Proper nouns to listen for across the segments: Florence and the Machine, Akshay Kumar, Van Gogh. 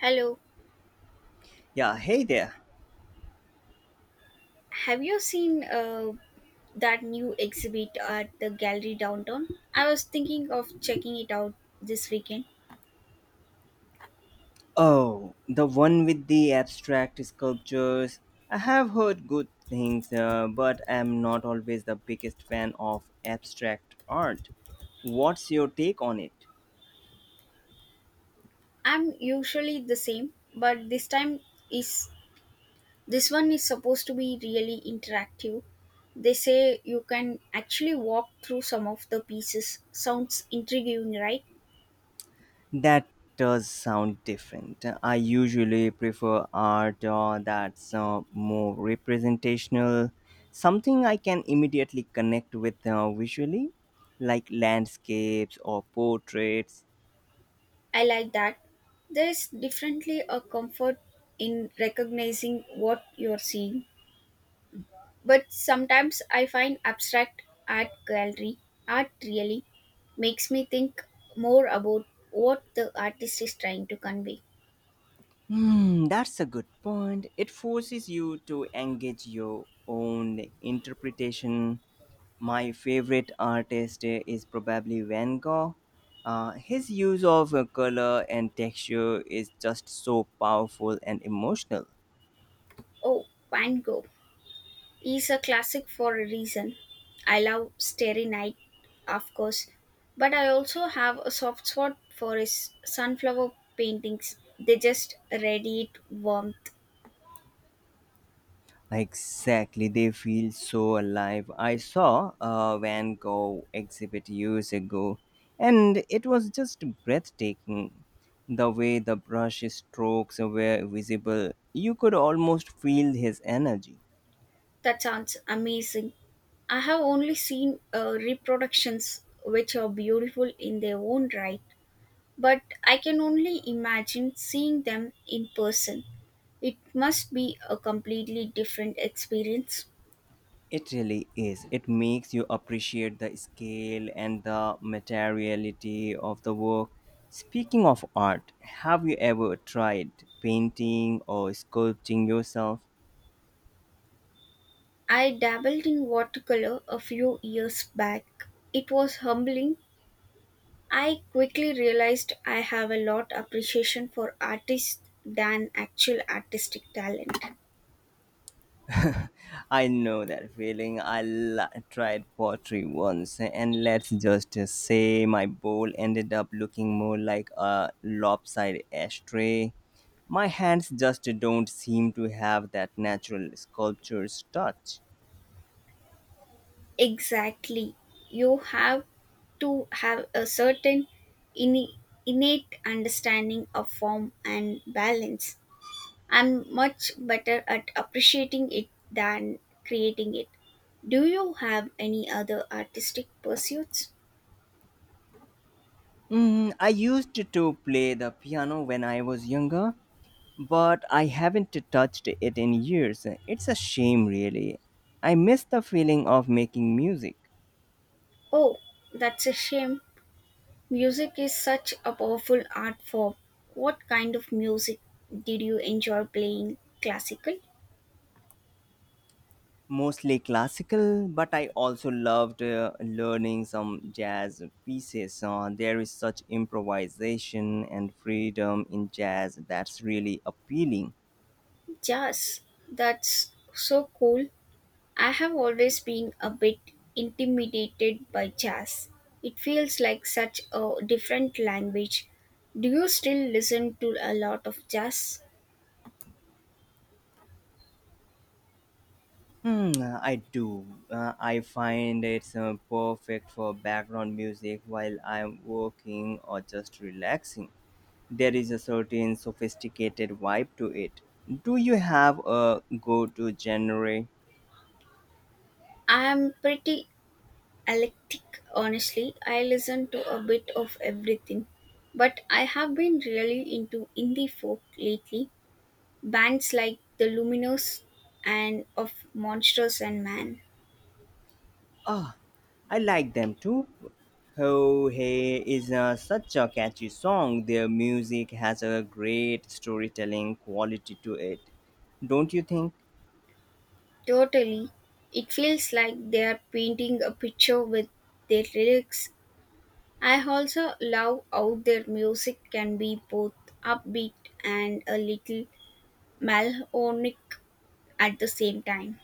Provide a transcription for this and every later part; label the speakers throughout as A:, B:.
A: Hello,
B: Yeah, hey there.
A: have you seen that new exhibit at the gallery downtown? I was thinking of checking it out this weekend.
B: Oh, the one with the abstract sculptures. I have heard good things, but I'm not always the biggest fan of abstract art. What's your take on it?
A: I'm usually the same, but is this one is supposed to be really interactive. They say you can actually walk through some of the pieces. Sounds intriguing, right?
B: That does sound different. I usually prefer art that's more representational, something I can immediately connect with visually, like landscapes or portraits.
A: I like that. There's definitely a comfort in recognizing what you're seeing. But sometimes I find abstract art gallery art really makes me think more about what the artist is trying to convey.
B: Hmm, that's a good point. It forces you to engage your own interpretation. My favorite artist is probably Van Gogh. His use of color and texture is just so powerful and emotional.
A: Oh, Van Gogh is a classic for a reason. I love Starry Night, of course, but I also have a soft spot for his sunflower paintings. They just radiate warmth.
B: Exactly, they feel so alive. I saw a Van Gogh exhibit years ago, and it was just breathtaking. The way the brush strokes were visible, you could almost feel his energy.
A: That sounds amazing. I have only seen reproductions which are beautiful in their own right, but I can only imagine seeing them in person. It must be a completely different experience.
B: It really is. It makes you appreciate the scale and the materiality of the work. Speaking of art, have you ever tried painting or sculpting yourself?
A: I dabbled in watercolor a few years back. It was humbling. I quickly realized I have a lot appreciation for artists than actual artistic talent.
B: I know that feeling. Tried pottery once, and let's just say my bowl ended up looking more like a lopsided ashtray. My hands just don't seem to have that natural sculpture's touch.
A: Exactly. You have to have a certain inne- innate understanding of form and balance. I'm much better at appreciating it than creating it. Do you have any other artistic pursuits?
B: I used to play the piano when I was younger, but I haven't touched it in years. It's a shame, really. I miss the feeling of making music.
A: Oh, that's a shame. Music is such a powerful art form. What kind of music did you enjoy playing? Classical?
B: Mostly classical, but I also loved learning some jazz pieces. There is such improvisation and freedom in jazz that's really appealing.
A: Jazz? That's so cool. I have always been a bit intimidated by jazz. It feels like such a different language. Do you still listen to a lot of jazz?
B: Hmm, I do. I find it's perfect for background music while I'm working or just relaxing. There is a certain sophisticated vibe to it. Do you have a go to genre?
A: I'm pretty eclectic, honestly. I listen to a bit of everything. But I have been really into indie folk lately. Bands like The Luminous and of Monsters and Man.
B: Ah, I like them too. Oh Hey is such a catchy song. Their music has a great storytelling quality to it. Don't you think?
A: Totally. It feels like they are painting a picture with their lyrics. I also love how their music can be both upbeat and a little melancholic at the same time.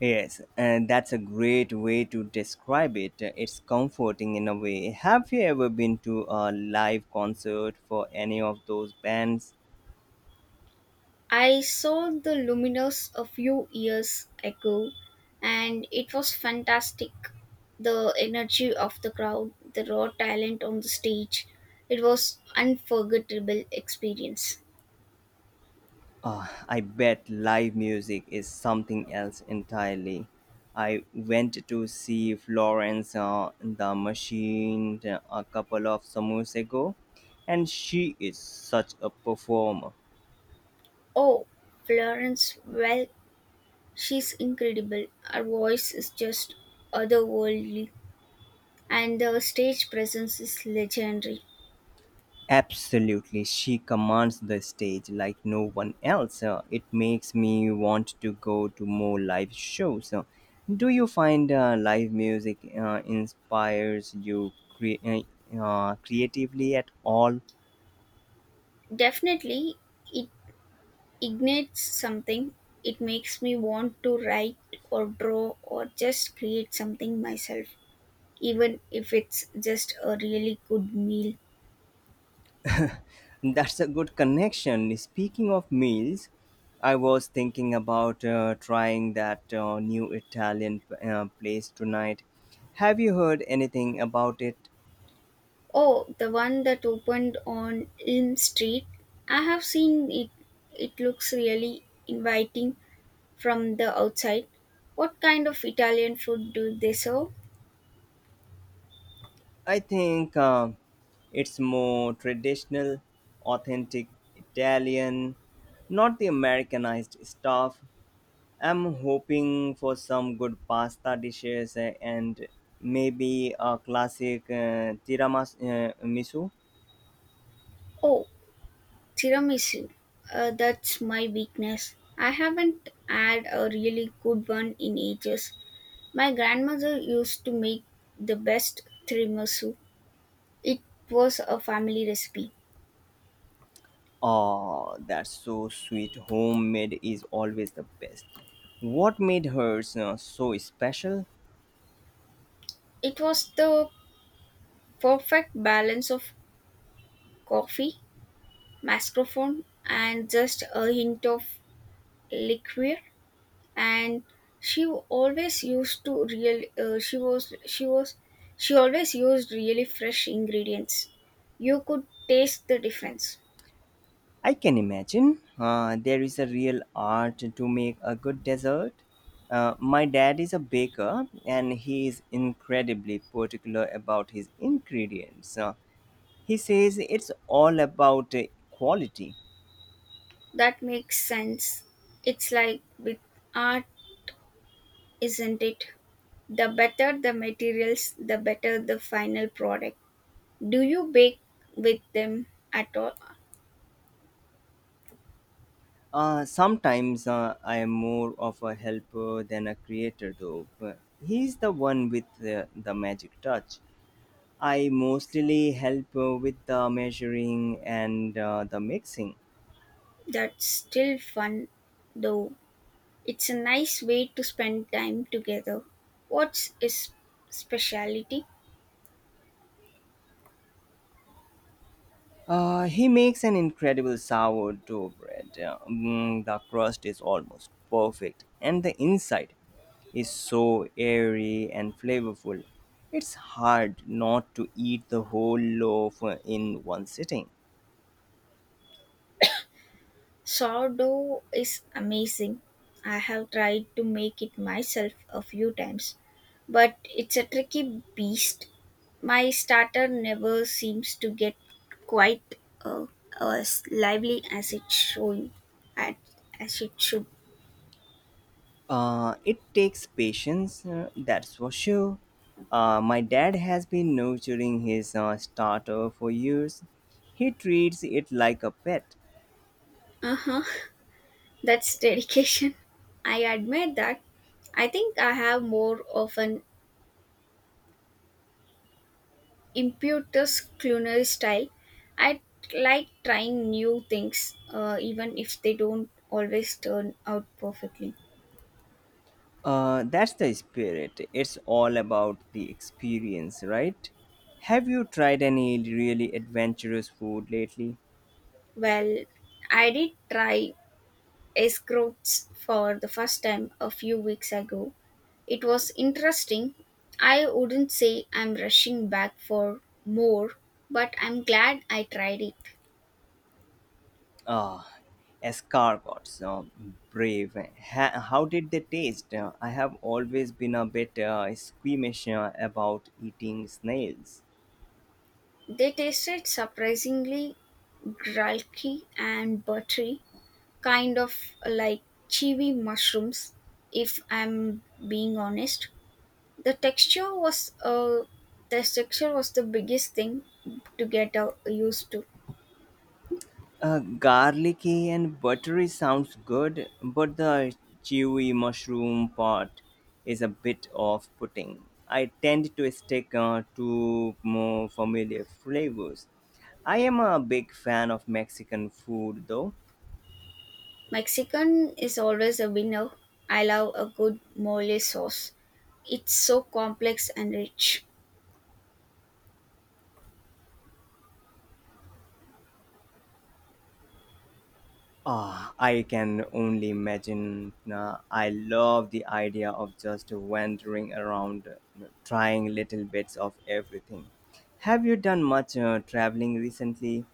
B: Yes, and that's a great way to describe it. It's comforting in a way. Have you ever been to a live concert for any of those bands?
A: I saw the Luminous a few years ago and it was fantastic. The energy of the crowd, the raw talent on the stage. It was unforgettable experience.
B: I bet live music is something else entirely. I went to see Florence the Machine a couple of summers ago, and she is such a performer.
A: Oh, Florence, well, she's incredible. Her voice is just otherworldly and the stage presence is legendary.
B: Absolutely, she commands the stage like no one else. It makes me want to go to more live shows. Do you find live music inspires you creatively at all?
A: Definitely it ignites something, it makes me want to write or draw or just create something myself, even if it's just a really good meal.
B: That's a good connection. Speaking of meals, I was thinking about trying that new Italian place tonight. Have you heard anything about it?
A: Oh, the one that opened on Elm Street. I have seen it. It looks really inviting from the outside. What kind of Italian food do they serve?
B: I think it's more traditional, authentic Italian, not the Americanized stuff. I'm hoping for some good pasta dishes and maybe a classic tiramisu. Miso.
A: Oh, tiramisu. That's my weakness. I haven't had a really good one in ages. My grandmother used to make the best tiramisu. It was a family recipe.
B: Oh, that's so sweet. Homemade is always the best. What made hers so special?
A: It was the perfect balance of coffee, mascarpone, and just a hint of liqueur. And she always used to real. She was she was she always used really fresh ingredients. You could taste the difference.
B: I can imagine. There is a real art to make a good dessert. My dad is a baker and he is incredibly particular about his ingredients. He says it's all about quality.
A: That makes sense. It's like with art, isn't it? The better the materials, the better the final product. Do you bake with them at all?
B: Sometimes I am more of a helper than a creator, though. But he's the one with the magic touch. I mostly help with the measuring and the mixing.
A: That's still fun though. It's a nice way to spend time together. What's his specialty?
B: He makes an incredible sourdough bread. The crust is almost perfect, and the inside is so airy and flavorful. It's hard not to eat the whole loaf in one sitting.
A: Sourdough is amazing. I have tried to make it myself a few times, but it's a tricky beast. My starter never seems to get quite uh, as lively as it should. At, as it should.
B: It takes patience, that's for sure. My dad has been nurturing his starter for years. He treats it like a pet.
A: Uh huh. That's dedication. I admit that. I think I have more of an impetus culinary style. I like trying new things, even if they don't always turn out perfectly.
B: That's the spirit. It's all about the experience, right? Have you tried any really adventurous food lately?
A: Well, I did try escroats for the first time a few weeks ago. It was interesting. I wouldn't say I'm rushing back for more, but I'm glad I tried it.
B: Ah, escargots, brave. How did they taste? I have always been a bit squeamish about eating snails.
A: They tasted surprisingly gulky and buttery, kind of like chiwi mushrooms, if I'm being honest. The texture was uh, the texture was the biggest thing to get used to.
B: Garlicky and buttery sounds good, but the chewy mushroom part is a bit off putting. I tend to stick to more familiar flavors. I am a big fan of Mexican food though.
A: Mexican is always a winner. I love a good mole sauce. It's so complex and rich.
B: Ah, I can only imagine. Nah, I love the idea of just wandering around, trying little bits of everything. Have you done much traveling recently?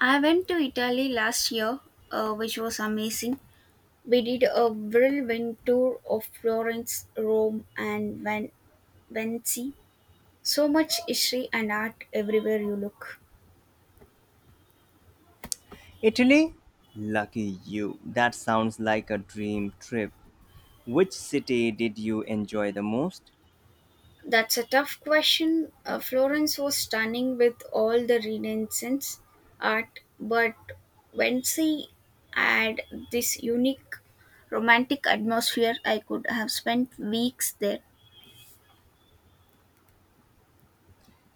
A: I went to Italy last year, which was amazing. We did a whirlwind tour of Florence, Rome, and Venice. So much history and art everywhere you look.
B: Italy? Lucky you. That sounds like a dream trip. Which city did you enjoy the most?
A: That's a tough question. Florence was stunning with all the Renaissance art, but Vinci had this unique romantic atmosphere. I could have spent weeks there.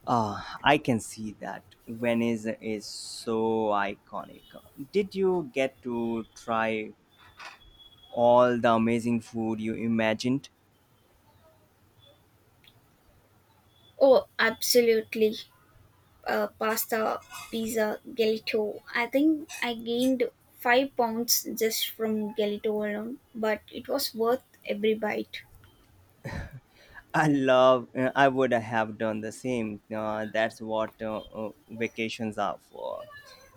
B: Ah, I can see that. Venice is so iconic. Did you get to try all the amazing food you imagined?
A: Oh, absolutely. Pasta, pizza, gelato. I think I gained 5 pounds just from gelato alone, but it was worth every bite.
B: I would have done the same. That's what vacations are for.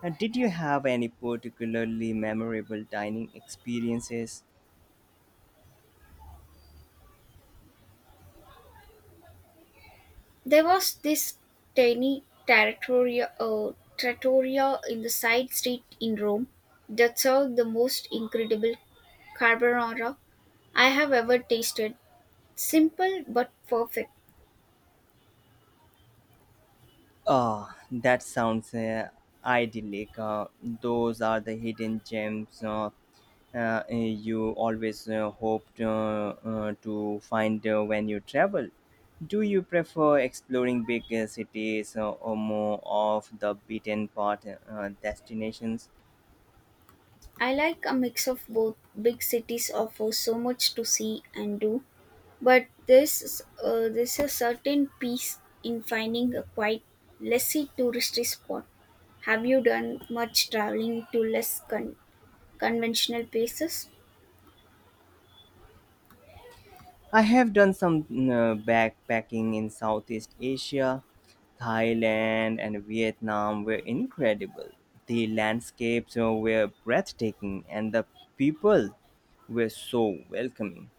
B: And did you have any particularly memorable dining experiences?
A: There was this tiny trattoria in the side street in Rome that served the most incredible carbonara I have ever tasted. Simple but perfect.
B: Oh, that sounds idyllic. Those are the hidden gems you always hoped to find when you travel. Do you prefer exploring big cities or more of the beaten path destinations?
A: I like a mix of both. Big cities offer so much to see and do, but this is- there's a certain peace in finding a quiet, lessy touristy spot. Have you done much traveling to conventional places?
B: I have done some backpacking in Southeast Asia. Thailand and Vietnam were incredible. The landscapes were breathtaking and the people were so welcoming.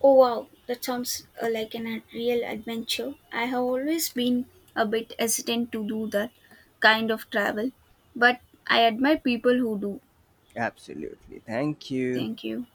A: Oh wow, that sounds like a real adventure. I have always been a bit hesitant to do that kind of travel, but I admire people who do.
B: Absolutely. Thank you.
A: Thank you.